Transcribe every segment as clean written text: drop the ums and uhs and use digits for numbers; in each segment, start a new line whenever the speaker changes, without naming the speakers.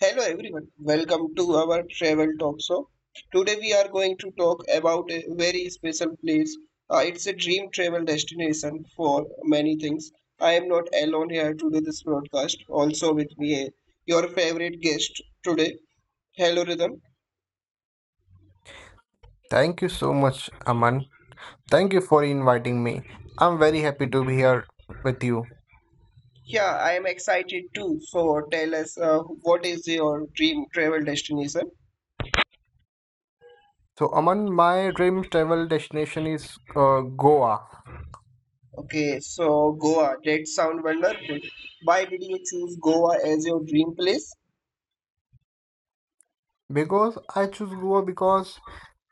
Hello everyone, welcome to our travel talk show. Today we are going to talk about a very special place. It's a dream travel destination for many things. I am not alone here to do this broadcast. Also with me, your favorite guest today. Hello Rhythm.
Thank you so much, Aman. Thank you for inviting me. I'm very happy to be here with you.
Yeah, I am excited too. So tell us, what is your dream travel destination?
So, Aman, my dream travel destination is Goa,
Okay, so Goa. That sound wonderful. Why did you choose Goa as your dream place?
because I choose Goa because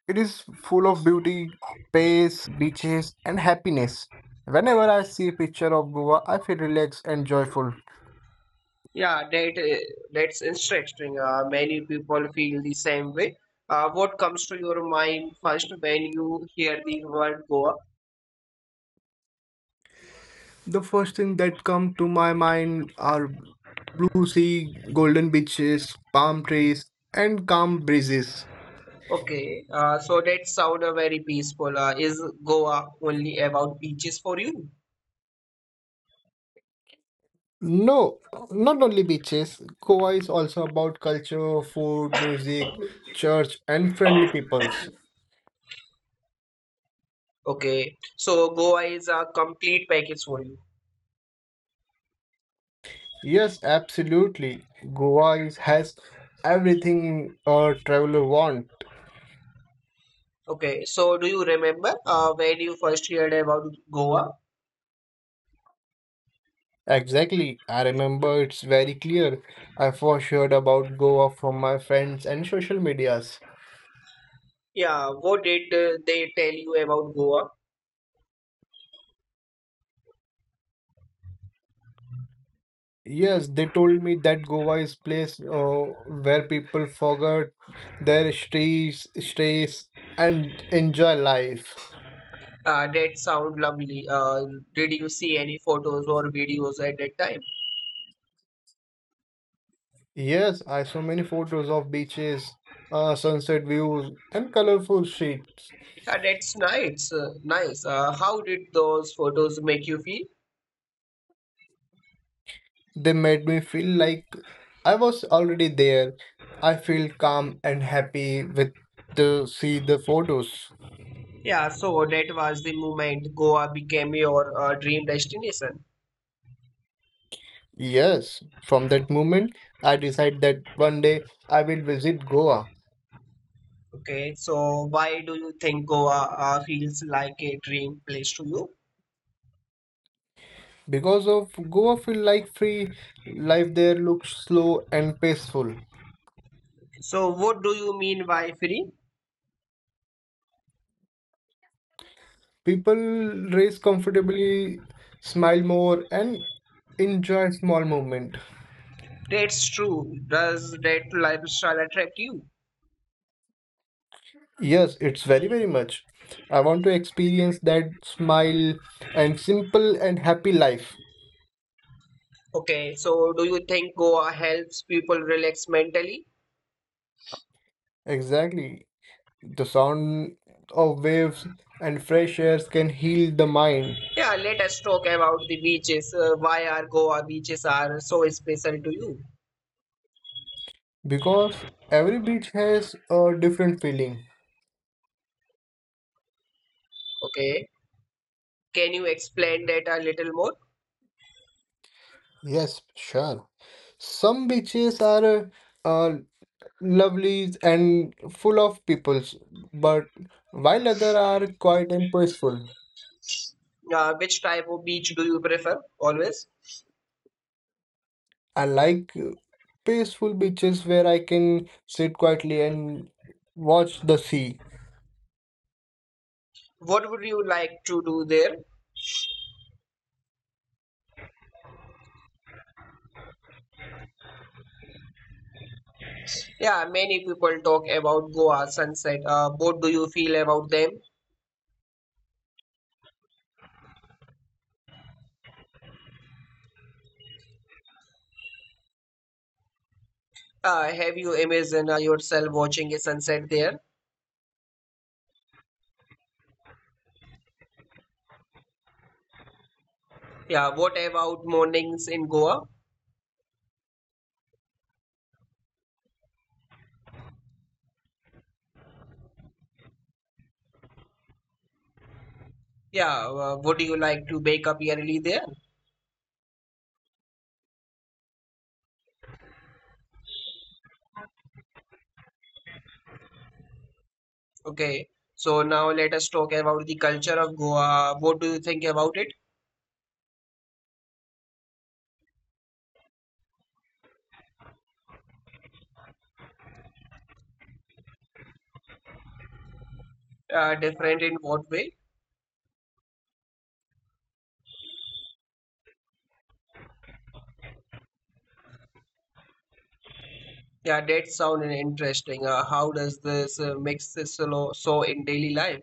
it is full of beauty, space, beaches, and happiness. Whenever I see a picture of Goa, I feel relaxed and joyful.
Yeah, that's interesting. Many people feel the same way. What comes to your mind first when you hear the word Goa?
The first thing that come to my mind are blue sea, golden beaches, palm trees, and calm breezes.
Okay, so that sound very peaceful. Is Goa only about beaches for you?
No, not only beaches. Goa is also about culture, food, music, church, and friendly peoples.
Okay, so Goa is a complete package for you.
Yes, absolutely. Goa is, has everything a traveler want.
Okay, so do you remember, when you first heard about Goa?
Exactly. I remember it's very clear. I first heard about Goa from my friends and social medias.
Yeah, what did they tell you about Goa?
Yes, they told me that Goa is place where people forget their stress and enjoy life.
That sound lovely. Did you see any photos or videos at that time?
Yes, I saw many photos of beaches, sunset views, and colorful streets.
Yeah, that's nice. Nice. How did those photos make you feel?
They made me feel like I was already there. I feel calm and happy with the see the photos.
Yeah, so that was the moment Goa became your dream destination.
Yes, from that moment, I decide that one day I will visit Goa,
Okay, so why do you think Goa feels like a dream place to you?
because of Goa feel like free life there looks slow and peaceful.
So what do you mean by free?
People race comfortably, smile more, and enjoy small movement.
That's true. Does that lifestyle attract you?
Yes, it's very, very much. I want to experience that smile and simple and happy life.
Okay, so do you think Goa helps people relax mentally?
Exactly. The sound of waves and fresh airs can heal the mind,
Yeah, let us talk about the beaches. Why are Goa beaches are so special to you?
because every beach has a different feeling.
Okay, can you explain that a little more?
Yes, sure. Some beaches are uh, lovely and full of peoples, but while other are quiet and peaceful.
Which type of beach do you prefer always?
I like peaceful beaches where I can sit quietly and watch the sea.
What would you like to do there? Yeah, many people talk about Goa sunset. What do you feel about them? Have you imagined yourself watching a sunset there? Yeah, what about mornings in Goa? Yeah, would you like to wake up early there? Okay, so now let us talk about the culture of Goa. What do you think about it? Different in what way? Yeah, that sounds interesting. How does this mix so in daily life?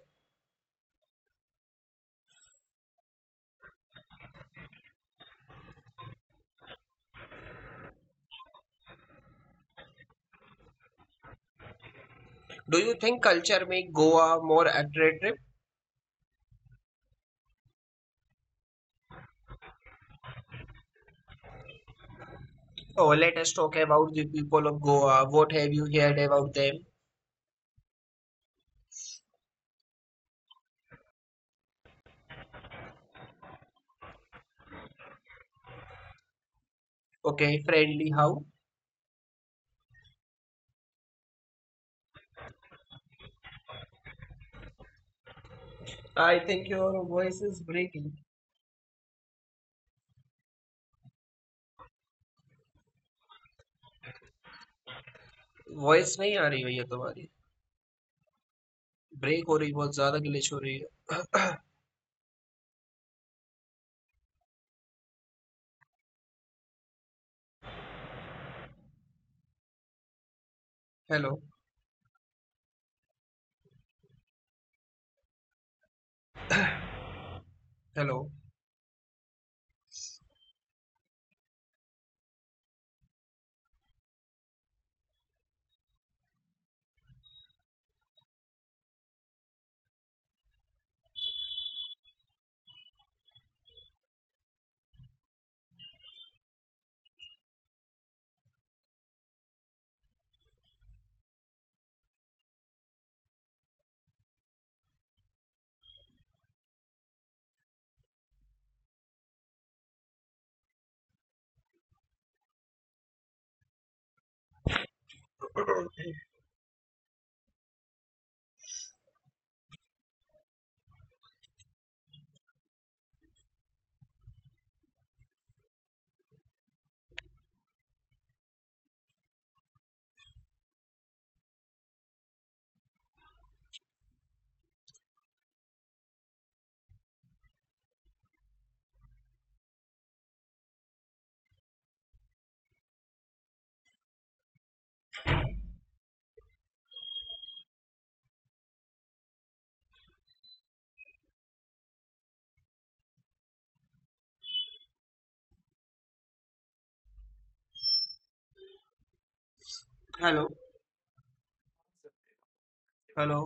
Do you think culture make Goa more attractive? Oh, let us talk about the people of Goa. What have you heard about them? Okay, friendly how? I think your voice is breaking. Voice नहीं आ रही भैया, तुम्हारी break हो रही, बहुत ज्यादा glitch हो रही है। Hello, hello, hello, hello.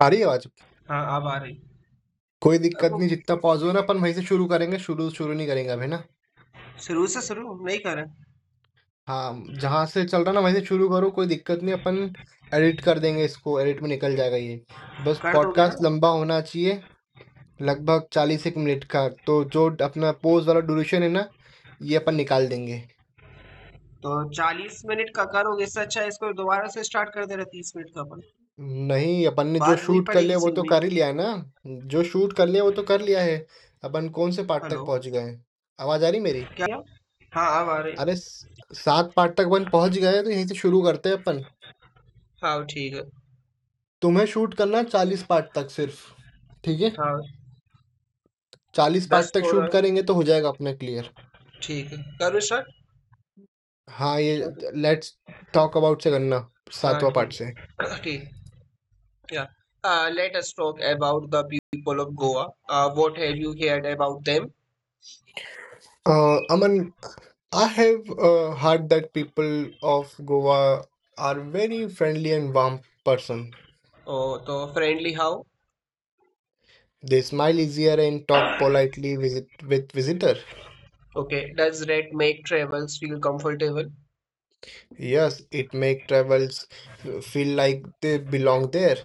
सारी आवाज
हाँ, अब आ रही।
कोई
अब
दिक्कत
वो
नहीं। जितना पॉज हो ना, अपन वहीं से शुरू करेंगे। शुरू शुरू नहीं करेंगे अभी ना।
शुरू से शुरू नहीं कर रहे।
हाँ, जहाँ से चल रहा ना वहीं से शुरू करो। कोई दिक्कत नहीं, अपन एडिट कर देंगे, इसको एडिट में निकल जाएगा ये। बस
कर दोगे ना
पॉडकास्ट लंबा होना चाहिए, लगभग चालीस एक मिनट का। तो जो अपना पोज वाला ड्यूरेशन है ना, ये अपन निकाल देंगे।
तो चालीस मिनट का करोगे, इससे अच्छा है इसको दोबारा से स्टार्ट कर दे रहे, तीस मिनट का अपन
नहीं, अपन ने जो
बात वही
शूट कर
पड़ेगी
लिया वो
सेम
तो
ही।
कर ही लिया है ना। जो शूट कर लिया वो तो कर लिया है। अपन कौन से पार्ट
हेलो,
तक पहुंच गए हैं? आवाज आ रही मेरी?
क्या भैया? हाँ, अब आ
अरे,
रही।
सात पार्ट तक अपन पहुंच गए, तो यहीं से शुरू करते हैं अपन।
हाँ, ठीक है।
तुम्हें शूट करना है चालीस पार्ट तक सिर्फ, ठीक है?
हाँ,
चालीस पार्ट
दस
तक
हो रहा
शूट
है,
करेंगे तो हो जाएगा अपना। क्लियर?
ठीक है, करो
हाँ, ये
स्टार्ट।
लेट्स टॉक अबाउट से करना,
हाँ,
सातवां पार्ट
ठीक
से।
है। ठीक। Yeah let us talk about the people of Goa, what have you heard about them.
Aman, I have heard that people of Goa are very friendly and warm person.
तो friendly how?
They smile easier and talk politely visit with visitor.
Okay, does that make travellers feel comfortable.
Yes, it make travels feel like they belong there.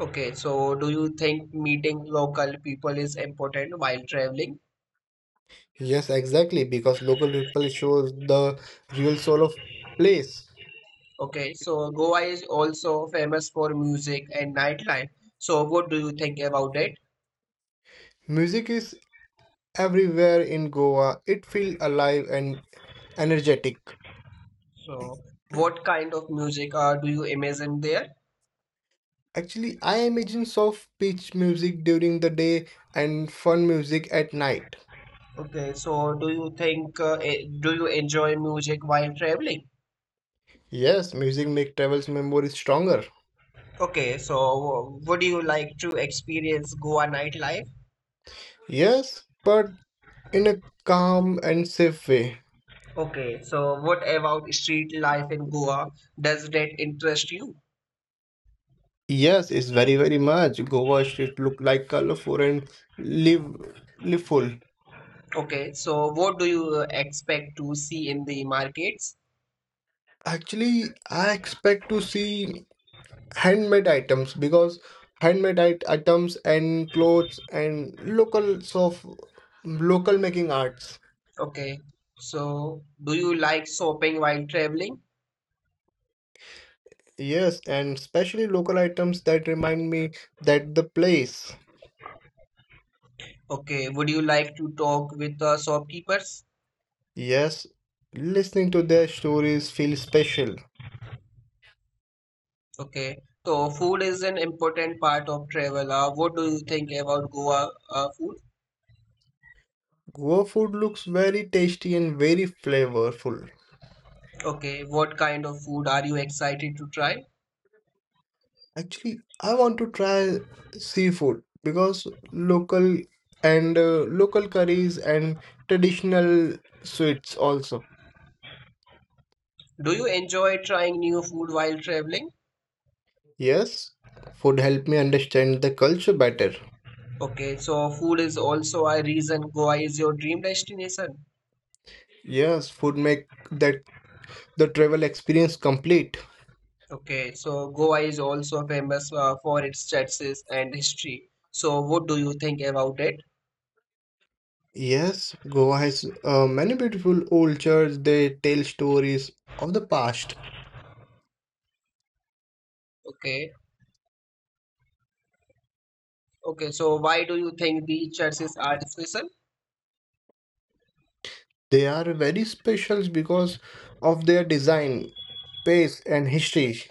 Okay, so do you think meeting local people is important while traveling?
Yes, exactly, because local people shows the real soul of place.
Okay, so Goa is also famous for music and nightlife. So what do you think about it?
Music is everywhere in Goa. It feels alive and energetic.
So what kind of music do you imagine there?
Actually, I imagine soft pitch music during the day and fun music at night.
Okay, so do you enjoy music while traveling?
Yes, music make travels memories stronger.
Okay, so would you like to experience Goa nightlife?
Yes, but in a calm and safe way.
Okay, so what about street life in Goa? Does that interest you?
Yes, it's very very much. Goa street look like colorful and live liveful.
Okay, so what do you expect to see in the markets?
Actually, I expect to see handmade items because handmade it items and clothes and locals of local making arts.
Okay, so do you like shopping while traveling?
Yes, and especially local items that remind me that the place.
Okay, would you like to talk with, shopkeepers?
Yes, listening to their stories feel special.
Okay, so food is an important part of travel. What do you think about Goa food?
Goa food looks very tasty and very flavorful.
Okay, what kind of food are you excited to try?
Actually, I want to try seafood because local and local curries and traditional sweets also.
Do you enjoy trying new food while traveling?
Yes, food help me understand the culture better.
Okay, so food is also a reason Goa is your dream destination.
Yes, food make that the travel experience complete.
Okay, so Goa is also famous for its churches and history. So, what do you think about it?
Yes, Goa has many beautiful old churches. They tell stories of the past.
Okay, okay. So, why do you think the churches are special?
They are very special because of their design, pace, and history.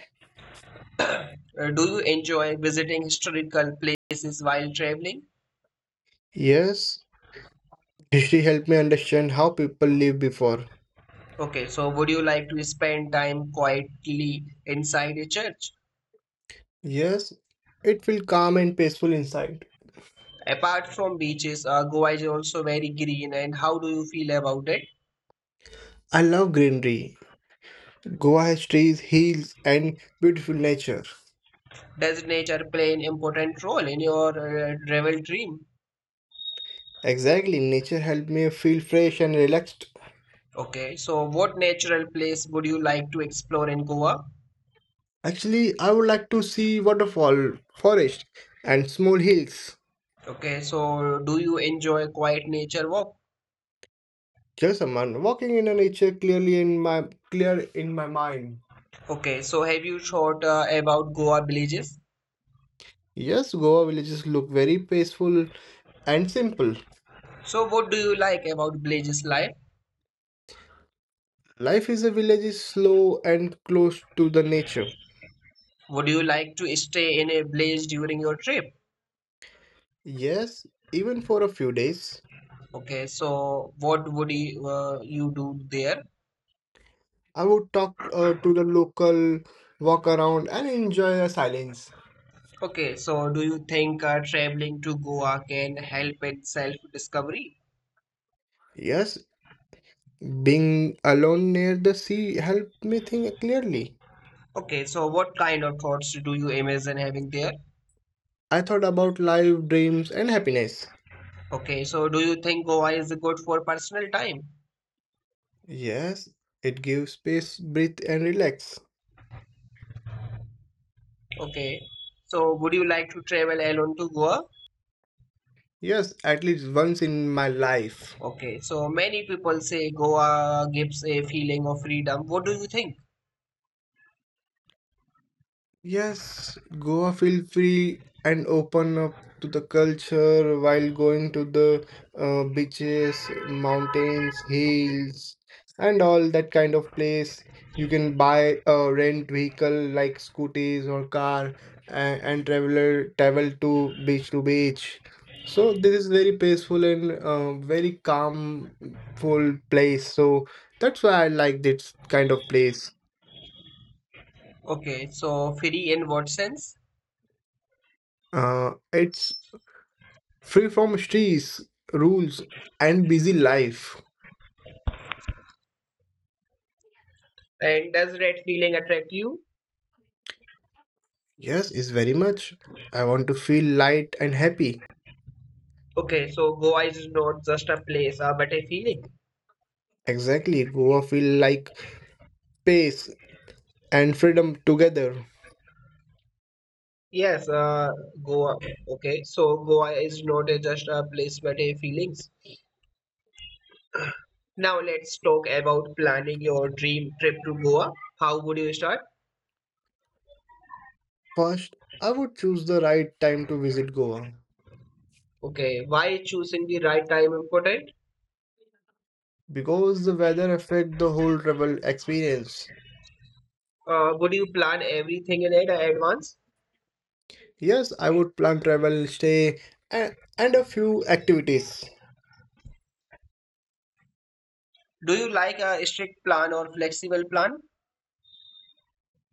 Do you enjoy visiting historical places while traveling?
Yes. History helped me understand how people lived before.
Okay, so would you like to spend time quietly inside a church?
Yes, it felt calm and peaceful inside.
Apart from beaches, Goa is also very green. And how do you feel about it?
I love greenery. Goa has trees, hills, and beautiful nature.
Does nature play an important role in your travel dream?
Exactly, nature helped me feel fresh and relaxed.
Okay, so what natural place would you like to explore in Goa?
Actually, I would like to see waterfall, forest, and small hills.
Okay, so do you enjoy quiet nature walk?
Just a man walking in the nature clear in my mind.
Okay, so have you thought about Goa villages?
Yes, Goa villages look very peaceful and simple.
So what do you like about villages life?
Life is a village is slow and close to the nature.
Would you like to stay in a village during your trip?
Yes, even for a few days,
Okay, so what would you do there?
I would talk to the local, walk around, and enjoy the silence.
Okay, so do you think traveling to Goa can help in self-discovery?
Yes, being alone near the sea helped me think clearly.
Okay, so what kind of thoughts do you imagine having there?
I thought about life, dreams, and happiness.
Okay, so do you think Goa is good for personal time?
Yes, it gives space, breathe, and relax.
Okay, so would you like to travel alone to Goa?
Yes, at least once in my life.
Okay, so many people say Goa gives a feeling of freedom. What do you think?
Yes, Goa feel free and open up to the culture while going to the beaches, mountains, hills, and all that kind of place. You can buy a rent vehicle like scooters or car, and travel to beach to beach. So this is very peaceful and very calm full place. So that's why I like this kind of place.
Okay, so free in what sense?
It's free from stress, rules, and busy life.
And does that feeling attract you?
Yes, is very much. I want to feel light and happy.
Okay, so Goa is not just a place, but a feeling.
Exactly, Goa feel like space and freedom together.
Yes, Goa. Okay, so Goa is not just a place, but a feelings. Now let's talk about planning your dream trip to Goa. How would you start?
First, I would choose the right time to visit Goa
Okay, why choosing the right time important?
because the weather affect the whole travel experience.
Would you plan everything in it advance?
Yes, I would plan travel, stay, and a few activities.
Do you like a strict plan or flexible plan?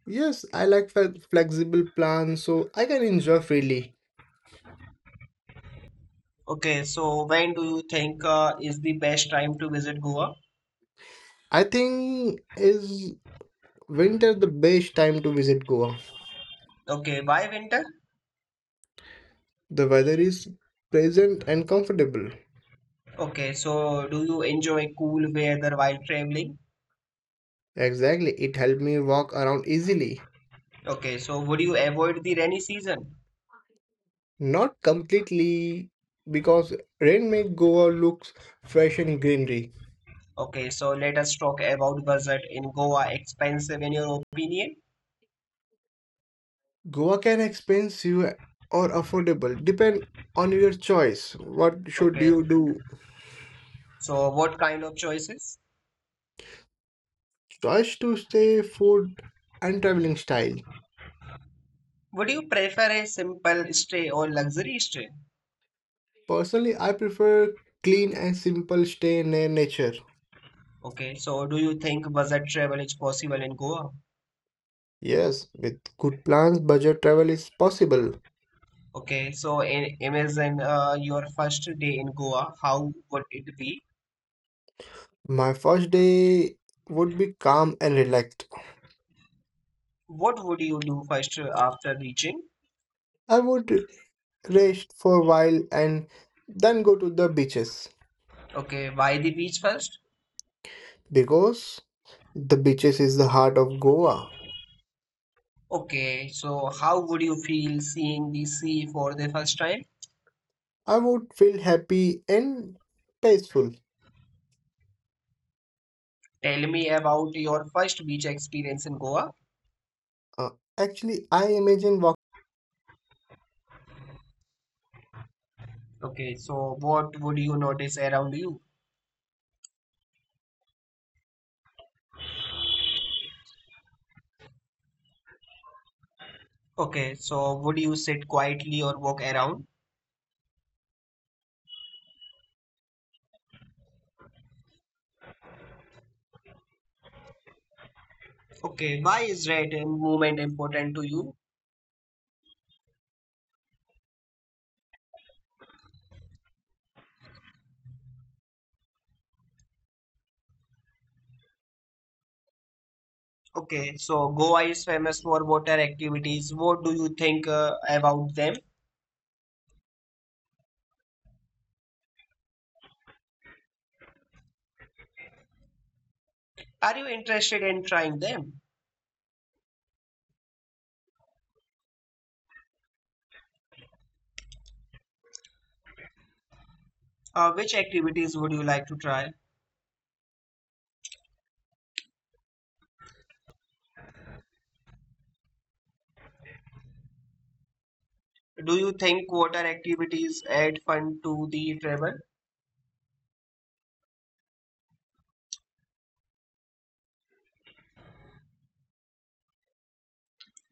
Yes, I like flexible plans so I can enjoy freely.
Okay, so when do you think is the best time to visit Goa?
I think is Winter the best time to visit Goa.
Okay, why winter?
The weather is pleasant and comfortable.
Okay, so do you enjoy cool weather while traveling?
Exactly, it helped me walk around easily.
Okay, so would you avoid the rainy season?
Not completely because rain make Goa looks fresh and greenery.
Okay, so let us talk about budget in Goa. Expensive in your opinion?
Goa can expensive or affordable depend on your choice. What should
Okay,
you do?
so what kind of choices?
Choice to stay, food and traveling style.
Would you prefer a simple stay or luxury stay?
Personally, I prefer clean and simple stay near nature.
Okay, so do you think budget travel is possible in Goa?
Yes, with good plans, budget travel is possible.
Okay, so in imagine your first day in Goa. How would it be?
My first day would be calm and relaxed.
What would you do first after reaching?
I would rest for a while and then go to the beaches
Okay, why the beach first?
because the beaches is the heart of Goa.
Okay, so how would you feel seeing the sea for the first time?
I would feel happy and peaceful.
Tell me about your first beach experience in Goa.
Uh, actually, I imagine
Okay, so what would you notice around you? Okay, so would you sit quietly or walk around? Okay, why is red movement important to you? Okay, so Goa is famous for water activities. What do you think about them? Are you interested in trying them? Which activities would you like to try? Do you think water activities add fun to the travel?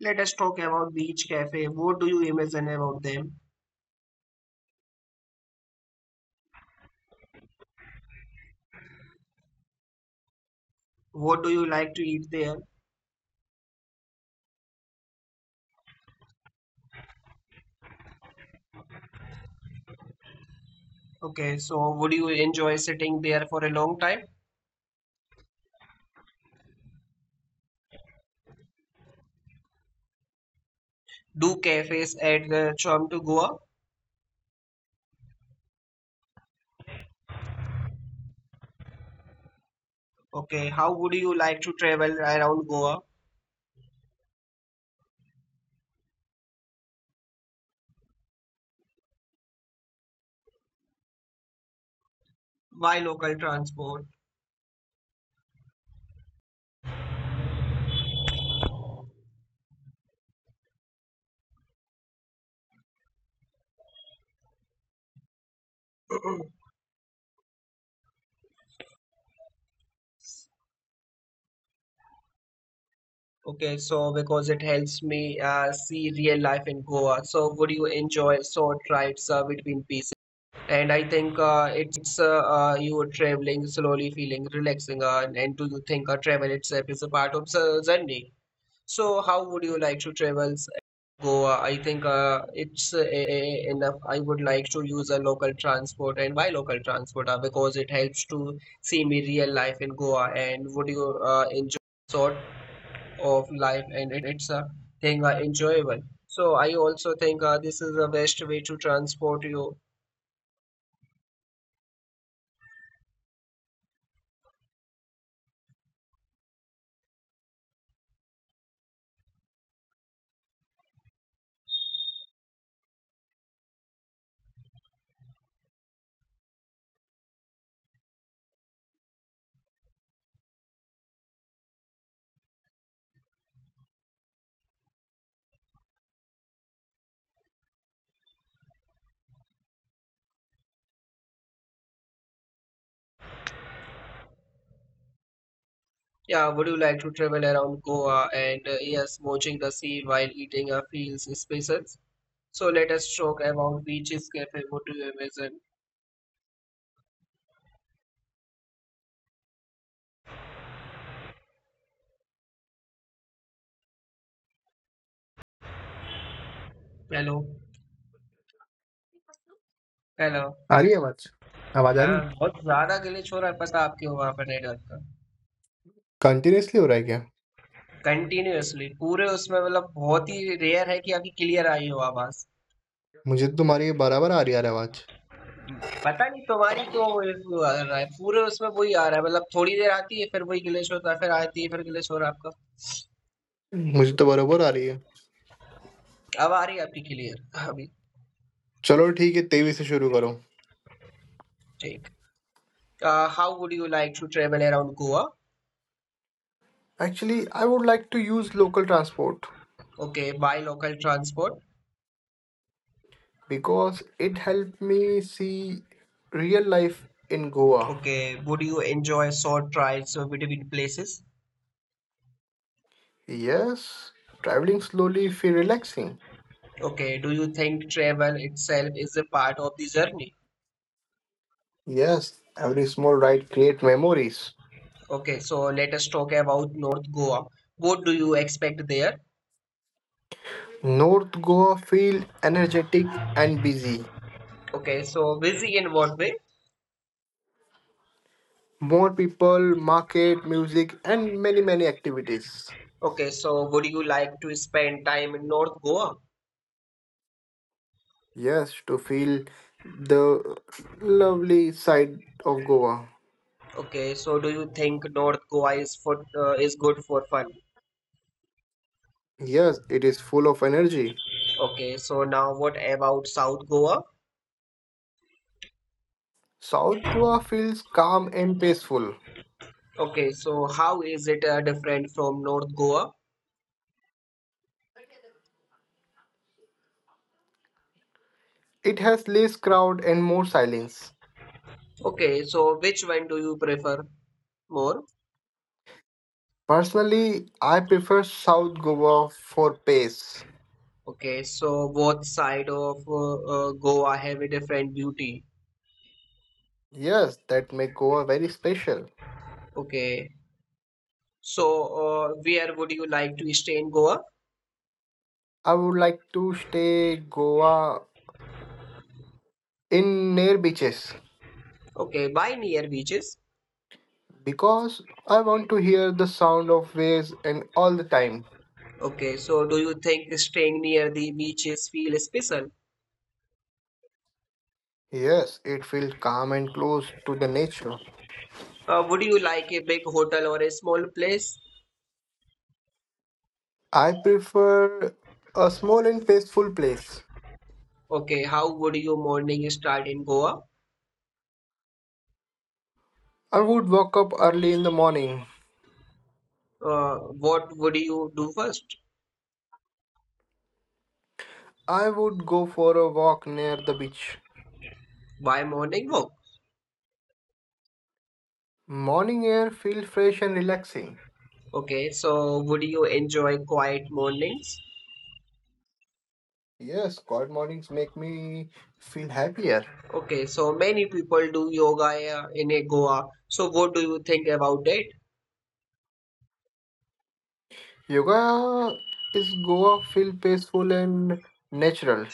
Let us talk about beach cafe. What do you imagine about them? What do you like to eat there? Okay, so would you enjoy sitting there for a long time? Do cafes add the charm to Goa? Okay, how would you like to travel around Goa? Why local transport? Okay, so because it helps me see real life in Goa. So would you enjoy short rides between pieces? And I think it's you are traveling slowly, feeling relaxing, and to think travel itself is a part of the journey. So, how would you like to travel? Goa, I think it's enough. I would like to use a local transport and why local transport? Because it helps to see me real life in Goa, and would you enjoy sort of life, and it's a thing enjoyable. So I also think this is the best way to transport you. Yeah, would you like to travel around Goa? And yes, watching the sea while eating feels special. So let us talk about beaches cafe. What do you imagine? Hello, hello,
आ रही है आवाज? आवाज आ रही
हाँ
है?
बहुत ज़्यादा ग्लिच हो रहा है पता, आपके वहाँ पर नेटवर्क का
कंटिन्यूअसली हो रहा है क्या?
कंटिन्यूअसली पूरे उसमें मतलब, बहुत ही रेयर है कि आपकी क्लियर आई हो आवाज़,
मुझे तो तुम्हारी ये बराबर आ रही है, यार। आवाज
पता नहीं तुम्हारी क्यों वो issue आ रहा है, पूरे उसमें वही आ रहा है, मतलब थोड़ी देर आती है, फिर वही ग्लिच होता है, फिर आती है, फिर ग्लिच हो रहा है आपका।
मुझे तो बराबर आ रही है।
अब आ रही है आपकी क्लियर अभी,
चलो ठीक है, तेईस से शुरू करो।
ठीक। How would you like to travel around Goa,
Actually, I would like to use local transport
okay by local transport,
because it helped me see real life in Goa.
Okay would you enjoy short drives between places.
Yes, traveling slowly feel relaxing.
Okay, do you think travel itself is a part of the journey?
Yes, every small ride create memories.
Okay, so let us talk about North Goa. What do you expect there?
North Goa feel energetic and busy.
Okay, so busy in what way?
More people, market, music, and many many activities.
Okay, so would you like to spend time in North Goa?
Yes, to feel the lovely side of Goa.
Okay, so do you think North Goa is for is good for fun?
Yes, it is full of energy.
Okay, so now what about South Goa?
South Goa feels calm and peaceful.
Okay, so how is it different from North Goa?
It has less crowd and more silence.
Okay, so which one do you prefer more?
Personally, I prefer South Goa for pace.
Okay, so both side of Goa have a different beauty.
Yes, that make Goa very special.
Okay, so where would you like to stay in Goa?
I would like to stay Goa in near beaches
Okay, by near beaches.
because I want to hear the sound of waves and all the time.
Okay, so do you think staying near the beaches feel special?
Yes, it feels calm and close to the nature.
Would you like a big hotel or a small place?
I prefer a small and peaceful place.
Okay, how would your morning start in Goa?
I would wake up early in the morning.
Uh, what would you do first?
I would go for a walk near the beach.
By morning walk.
Morning air feels fresh and relaxing.
Okay, so would you enjoy quiet mornings?
Yes, quiet mornings make me feel happier.
Okay, so many people do yoga in Goa. So what do you think about it?
Yoga is Goa feel peaceful and natural.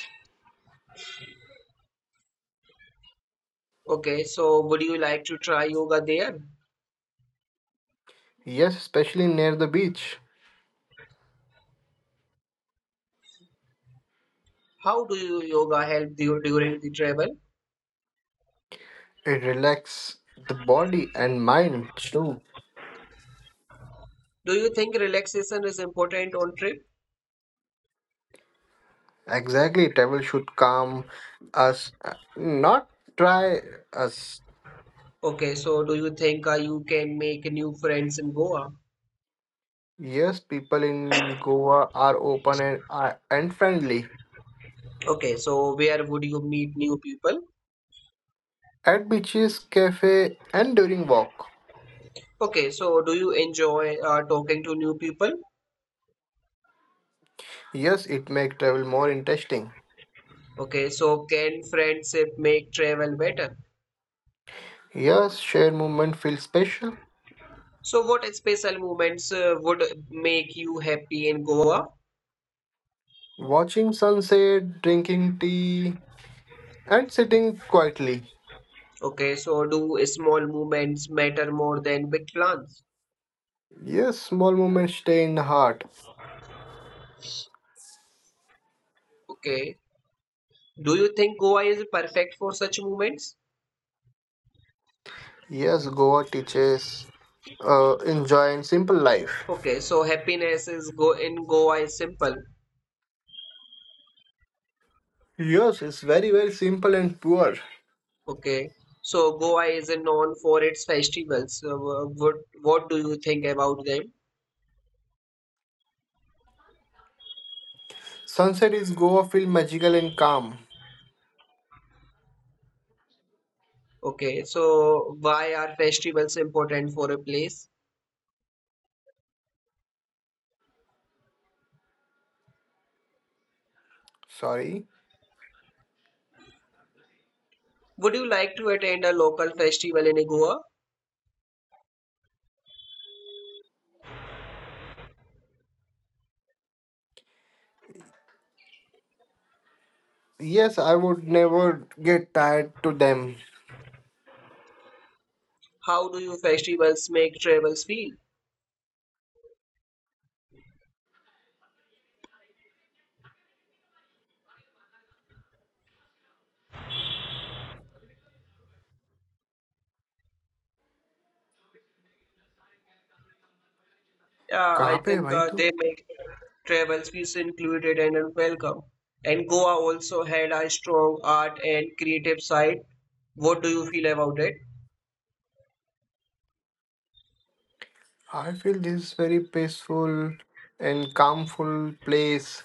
Okay, so would you like to try yoga there?
Yes, especially near the beach.
How do you yoga help you during the travel?
It relaxes the body and mind too.
Do you think relaxation is important on trip?
Exactly, travel should calm us, not try us.
Okay, so do you think you can make new friends in Goa?
Yes, people in Goa are open and friendly
Okay, so where would you meet new people?
at beaches, cafe, and during walk.
Okay, so do you enjoy talking to new people?
Yes, it makes travel more interesting.
Okay, so can friendship make travel better?
Yes, shared movement feels special.
So, what special moments would make you happy in Goa?
Watching sunset, drinking tea, and sitting quietly.
Okay, so do small movements matter more than big plans?
Yes, small moments stay in the heart.
Okay, do you think Goa is perfect for such moments?
Yes, Goa teaches enjoying simple life.
Okay, so happiness is go in Goa is simple.
Yes, it's very, very simple and pure.
Okay, so Goa is known for its festivals. So, what do you think about them?
Sunset is Goa feel magical and calm.
Okay, so why are festivals important for a place?
Sorry.
Would you like to attend a local festival in Goa?
Yes, I would never get tired to them.
How do you festivals make travels feel? Yeah,
कहाँ
I
पे है
think
भाई तू?
they make travels feels included and welcome. And Goa also had a strong art and creative side. What do you feel about it?
I feel this is very peaceful and calmful place,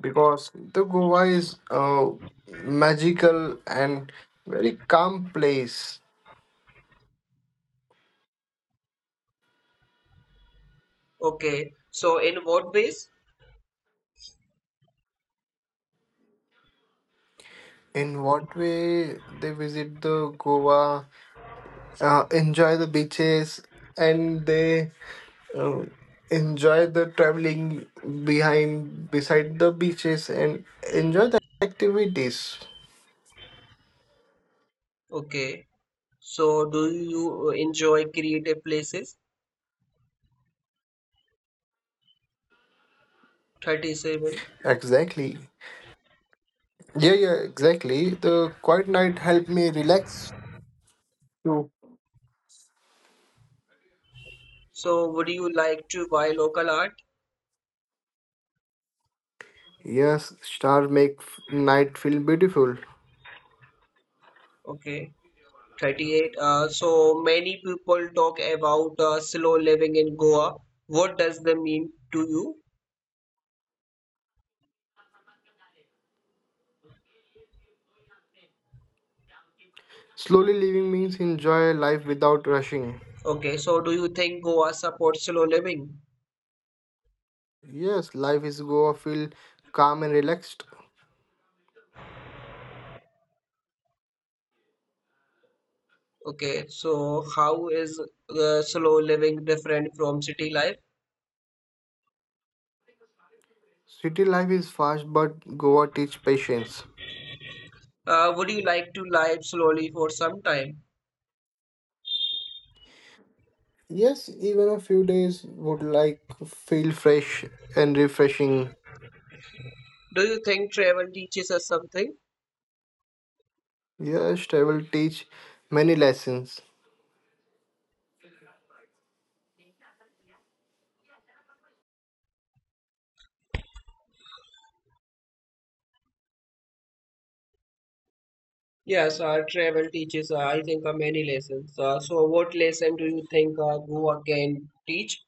because the Goa is a magical and very calm place.
Okay, so in what ways?
In what way they visit the Goa, enjoy the beaches, and they um, enjoy the traveling behind beside the beaches and enjoy the activities.
Okay, so do you enjoy creative places? 37.
Exactly. Yeah, yeah, exactly, the quiet night helped me relax too.
So would you like to buy local art?
Yes, stars make night feel beautiful.
Okay. 38. So many people talk about slow living in Goa. What does that mean to you?
Slowly living means enjoy life without rushing.
Okay, so do you think Goa supports slow living?
Yes, life is Goa feel calm and relaxed.
Okay, so how is slow living different from city life?
City life is fast, but Goa teach patience.
Would you like to live slowly for some time?
Yes, even a few days would like feel fresh and refreshing.
Do you think travel teaches us something?
Yes, travel teach many lessons.
Yes, travel teaches, I think, many lessons. So what lesson do you think Goa can teach?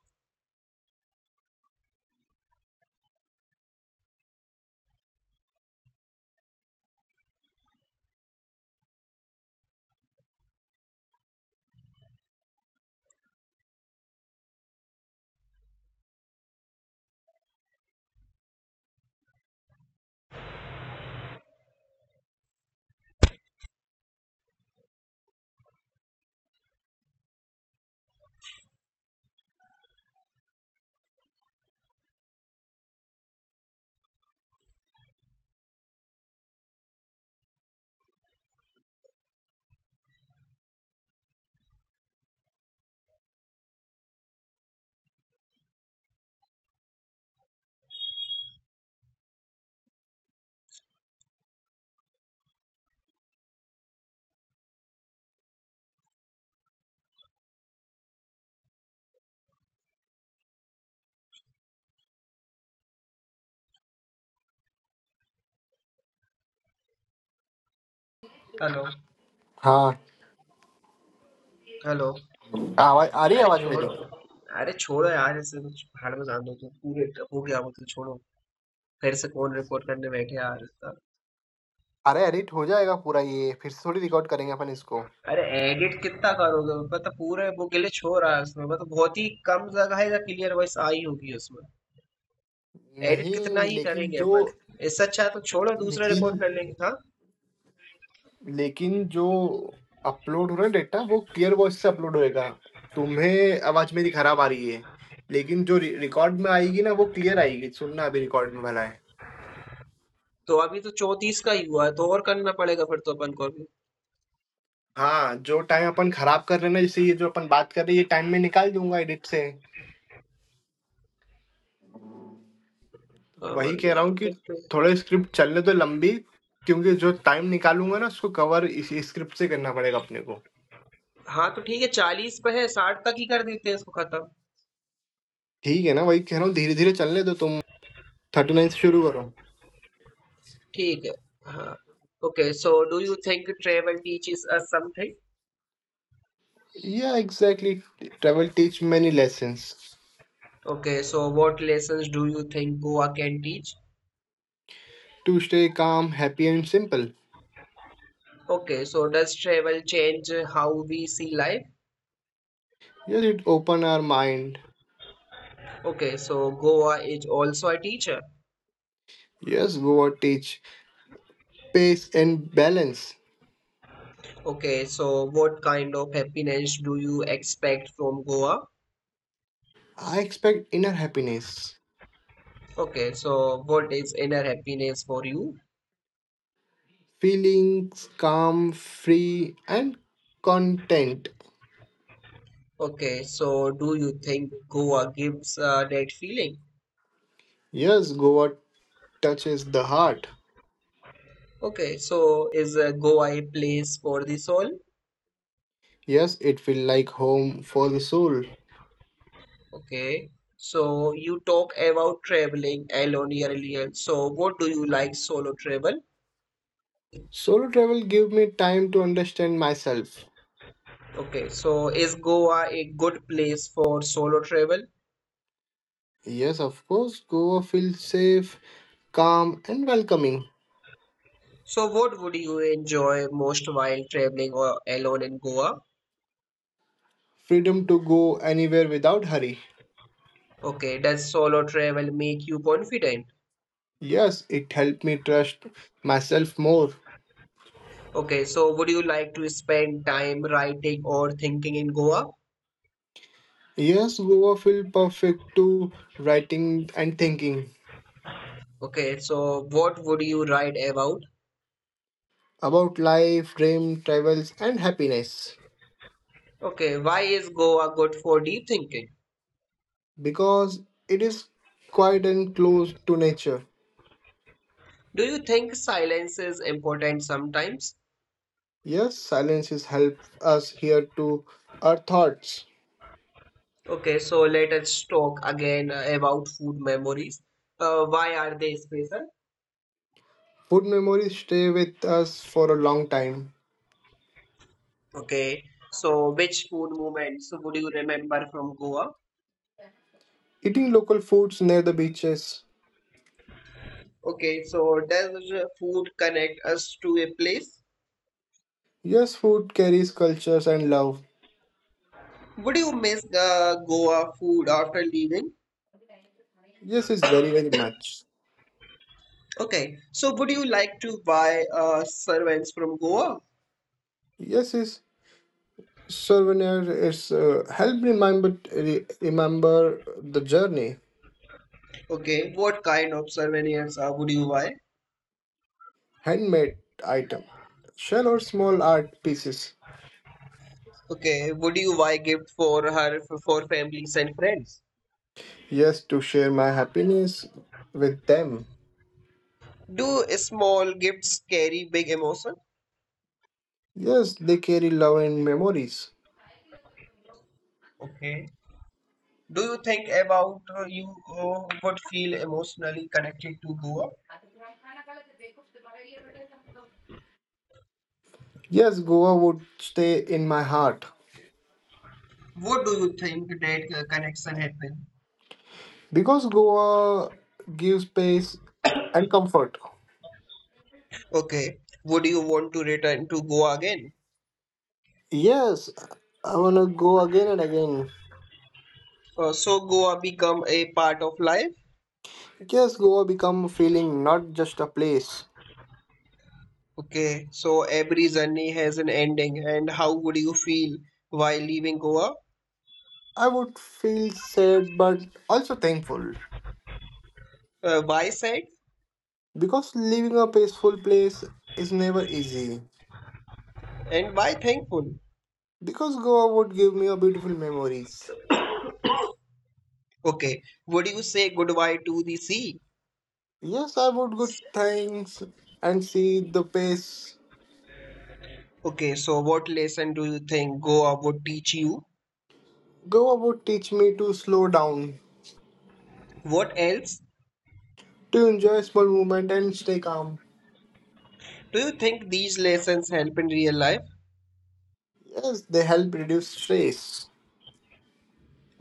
Hello,
हाँ,
hello.
आवाज आ रही है
अरे
आवाज मेरी?
छोड़ो अरे छोड़ो यार ऐसे कुछ भाड़ में जान दो तो पूरे हो गया वो तो छोड़ो फिर से कौन रिकॉर्ड करने बैठे यार इसका
अरे, एडिट हो जाएगा पूरा, ये फिर से थोड़ी रिकॉर्ड करेंगे अपन इसको।
अरे एडिट कितना करोगे मतलब पूरे वो ग्लिच हो रहा है उसमें मतलब बहुत ही कम जगह का क्लियर वॉइस आई होगी उसमें एडिट कितना
नहीं,
ही करेंगे अपन इससे अच्छा है तो छोड़ो दूसरा रिकॉर्ड
लेकिन
कर लेंगे हाँ
लेकिन जो अपलोड हो रहा है डेटा, वो क्लियर वॉइस से अपलोड होएगा। तुम्हें आवाज मेरी खराब आ रही है, लेकिन जो रिकॉर्ड में आएगी ना, वो क्लियर आएगी। सुनना अभी रिकॉर्ड में भला है।
तो अभी तो चौंतीस का ही हुआ है तो और करना पड़ेगा फिर तो अपन को अभी
हाँ, जो टाइम अपन खराब कर रहे हैं ना, जैसे ये जो अपन बात कर रहे हैं, ये टाइम में निकाल दूंगा एडिट से।
हाँ,
वही
मर
कह
गया
रहा हूँ कि
कितने
थोड़ा स्क्रिप्ट चलने दो लंबी, क्योंकि जो टाइम निकालूँगा ना, उसको कवर इसी स्क्रिप्ट से करना पड़ेगा अपने को।
हाँ तो ठीक है चालीस पे है साठ तक ही कर देते हैं इसको खत्म
ठीक है ना, वही कह रहा हूँ धीरे-धीरे चलने दो, तुम 39 से शुरू करो।
ठीक है, हाँ. Okay, so do you think travel teaches us something?
Yeah exactly, travel teach many lessons
Okay, so what lessons do you think Goa can teach?
To stay calm, happy and simple.
Okay, so does travel change how we see life?
Yes, it open our mind.
Okay, so Goa is also a teacher.
Yes, Goa teach peace and balance.
Okay, so what kind of happiness do you expect from Goa?
I expect inner happiness,
Okay, so what is inner happiness for you?
Feelings calm, free and content.
Okay, so do you think Goa gives a dead feeling?
Yes, Goa touches the heart.
Okay, so is Goa a place for the soul?
Yes, it feels like home for the soul.
Okay, so you talk about traveling alone earlier. So what do you like solo travel?
Solo travel gave me time to understand myself.
Okay, so is Goa a good place for solo travel?
Yes, of course, Goa feels safe, calm, and welcoming.
So what would you enjoy most while traveling or alone in Goa?
Freedom to go anywhere without hurry.
Okay, does solo travel make you confident?
Yes, it helped me trust myself more.
Okay, so would you like to spend time writing or thinking in Goa?
Yes, Goa felt perfect to writing and thinking
Okay, so what would you write about?
about life, dream, travels, and happiness,
Okay, why is Goa good for deep thinking?
because it is quiet and close to nature.
Do you think silence is important sometimes?
Yes, silences help us hear to our thoughts.
Okay, so let us talk again about food memories. Why are they special?
Food memories stay with us for a long time.
Okay, so which food moments would you remember from Goa?
Eating local foods near the beaches.
Okay, so does food connect us to a place?
Yes, food carries cultures and love.
Would you miss the Goa food after leaving?
Yes, it's very very much.
Okay, so would you like to buy servants from Goa?
Yes, it's souvenir. It's help remember remember the journey.
Okay, what kind of souvenirs would you buy?
Handmade item, shell, or small art pieces.
Okay, would you buy gift for her for families and friends?
Yes, to share my happiness with them.
Do small gifts carry big emotion?
Yes, they carry love and memories.
Okay. Do you think about you would feel emotionally connected to Goa?
Yes, Goa would stay in my heart
What do you think that connection happened?
because Goa gives space and comfort.
Okay. Would you want to return to Goa again?
Yes, I wanna go again and again.
So Goa become a part of life?
Yes, Goa become a feeling, not just a place.
Okay. So every journey has an ending, and how would you feel while leaving Goa?
I would feel sad but also thankful,
Why sad
because leaving a peaceful place is never easy.
and why thankful?
Because Goa would give me a beautiful memories.
Okay, would you say goodbye to the sea?
Yes, I would go thanks and see the pace.
Okay, so what lesson do you think Goa would teach you?
Goa would teach me to slow down,
What else?
to enjoy small movement and stay calm.
Do you think these lessons help in real life?
Yes, they help reduce stress.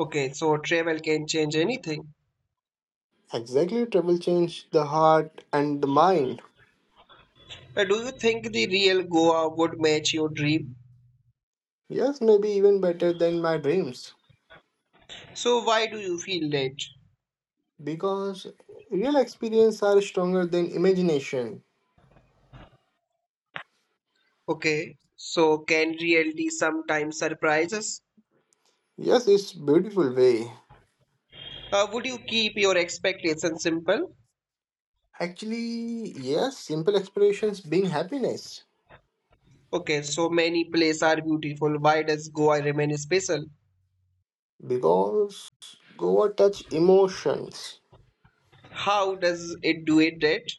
Okay, so travel can change anything.
Exactly, travel change the heart and the mind.
Do you think the real Goa would match your dream?
Yes, maybe even better than my dreams.
So why do you feel that?
Because real experience are stronger than imagination.
Okay, so can reality sometimes surprise us?
Yes, it's beautiful way.
Would you keep your expectations simple?
Actually, yes, simple explorations bring happiness.
Okay, so many places are beautiful. Why does Goa remain special?
Because Goa touch emotions,
How does it do it that?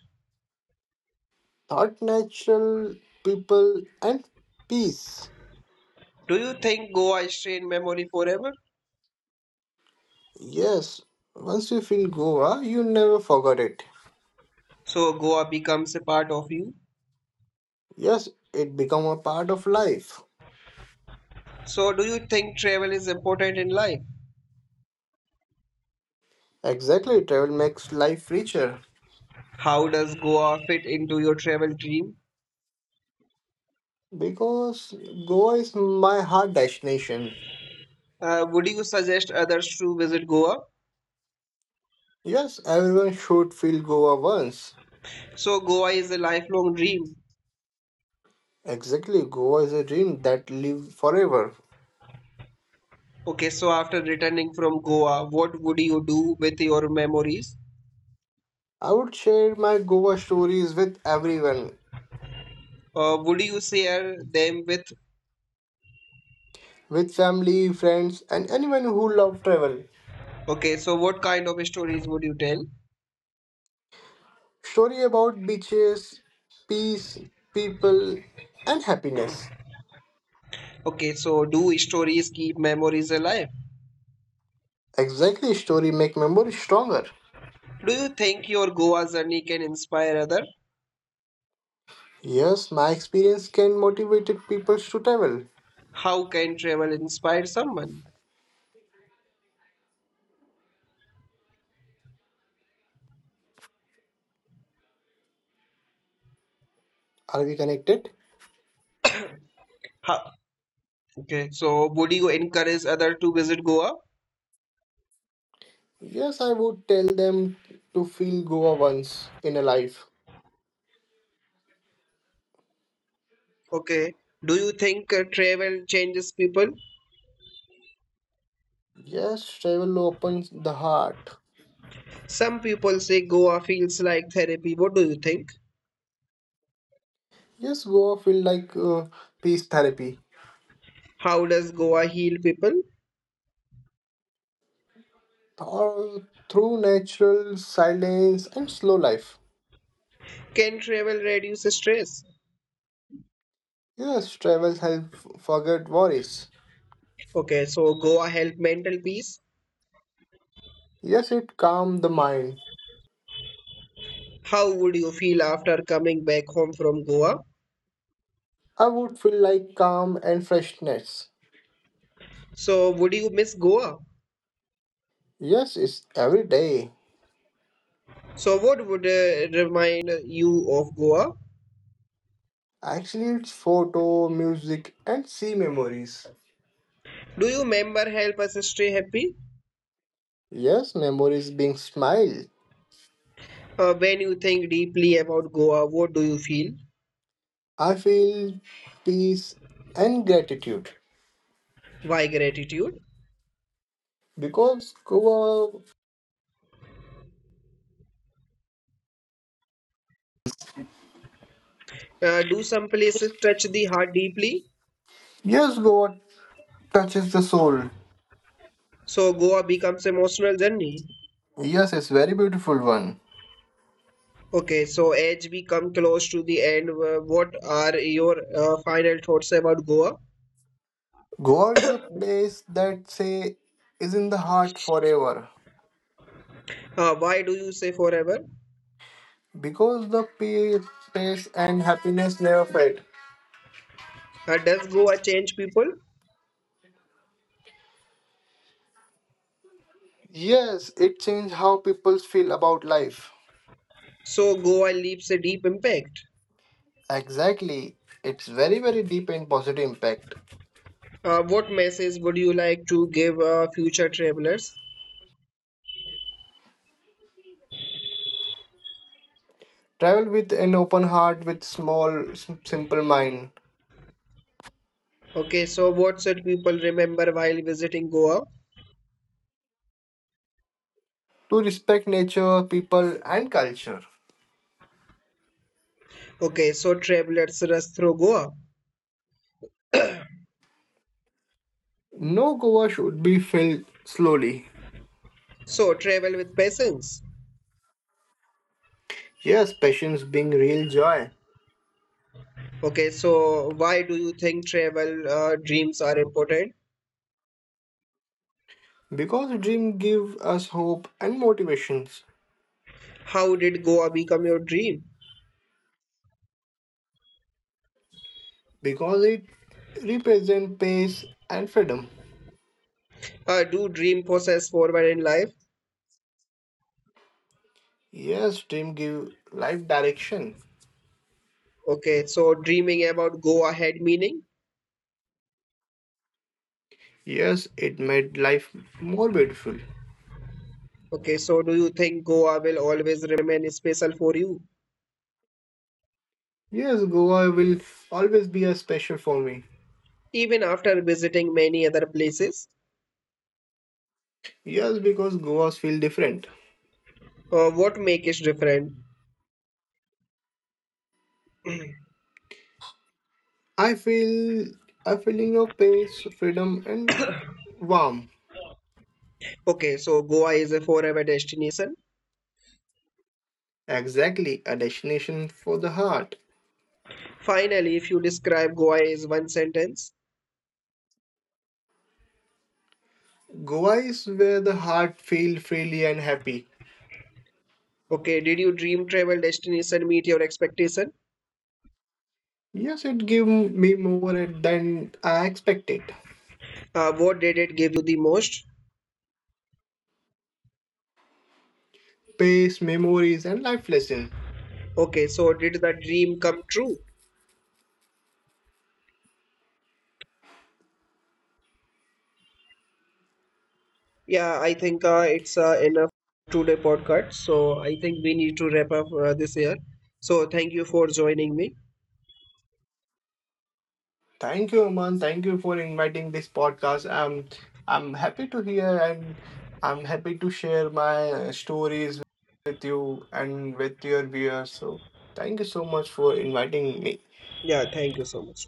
not natural people and peace.
Do you think Goa is in memory forever?
Yes, once you feel Goa, you never forget it.
So Goa becomes a part of you.
Yes, it become a part of life.
So do you think travel is important in life?
Exactly, travel makes life richer.
How does Goa fit into your travel dream?
Because Goa is my heart destination.
Would you suggest others to visit Goa?
Yes, everyone should feel Goa once.
So Goa is a lifelong dream.
Exactly, Goa is a dream that lives forever.
Okay, so after returning from Goa, what would you do with your memories?
I would share my Goa stories with everyone,
Would you share them with?
with family, friends, and anyone who love travel.
Okay, so what kind of stories would you tell?
Story about beaches, peace, people, and happiness.
Okay, so do stories keep memories alive?
Exactly, story make memory stronger.
Do you think your Goa journey can inspire other?
Yes, my experience can motivated people to travel.
How can travel inspire someone?
Are we connected?
How? Okay, so would you encourage other to visit Goa?
Yes, I would tell them to feel Goa once in a life.
Okay. Do you think travel changes people?
Yes, travel opens the heart.
Some people say Goa feels like therapy. What do you think?
Yes, Goa feel like peace therapy.
How does Goa heal people?
Or through natural silence and slow life.
Can travel reduce stress?
Yes, travel help forget worries.
Okay, so Goa help mental peace.
Yes, it calm the mind.
How would you feel after coming back home from Goa?
I would feel like calm and freshness.
So would you miss Goa?
Yes, it's every day.
So, what would remind you of Goa?
Actually, it's photo, music, and see memories.
Do you remember help us stay happy?
Yes, memories being smile.
When you think deeply about Goa, what do you feel?
I feel peace and gratitude
Why gratitude?
because Goa.
Do some places touch the heart deeply?
Yes, Goa touches the soul.
So Goa becomes emotional journey.
Yes, it's very beautiful one.
Okay, so as we come close to the end, what are your final thoughts about Goa?
Goa is a place that say is in the heart forever,
Why do you say forever?
because the peace and happiness never fade.
Does Goa change people?
Yes, it changed how people feel about life.
So Goa leaves a deep impact.
Exactly. It's very very deep and positive impact.
What message would you like to give future travelers?
Travel with an open heart, with small simple mind,
Okay, so what should people remember while visiting Goa?
to respect nature, people, and culture.
Okay, so travelers rush through Goa.
No, Goa should be filled slowly.
So travel with patience.
Yes, passions bring real joy.
Okay, so why do you think travel dreams are important?
Because dream give us hope and motivations.
How did Goa become your dream?
Because it represent peace and freedom.
Do dream process forward in life?
Yes, dream give life direction.
Okay, so dreaming about Goa had meaning.
Yes, it made life more beautiful.
Okay, so do you think Goa will always remain special for you,
Yes, Goa will always be a special for me.
even after visiting many other places?
Yes, because Goas feel different.
What make it different?
I feel a feeling of peace, freedom, and warmth.
Okay, so Goa is a forever destination.
Exactly, a destination for the heart.
Finally, if you describe Goa is one sentence.
Goa is where the heart feels freely and happy.
Okay, did you dream travel destination meet your expectation?
Yes, it gave me more than I expected.
What did it give you the most?
Space, memories, and life lessons.
Okay, so did the dream come true? Yeah, I think it's enough today podcast. So I think we need to wrap up this year. So thank you for joining me.
Thank you, Aman. Thank you for inviting this podcast. I'm happy to hear and I'm happy to share my stories with you and with your viewers. So thank you so much for inviting me.
Yeah, thank you so much.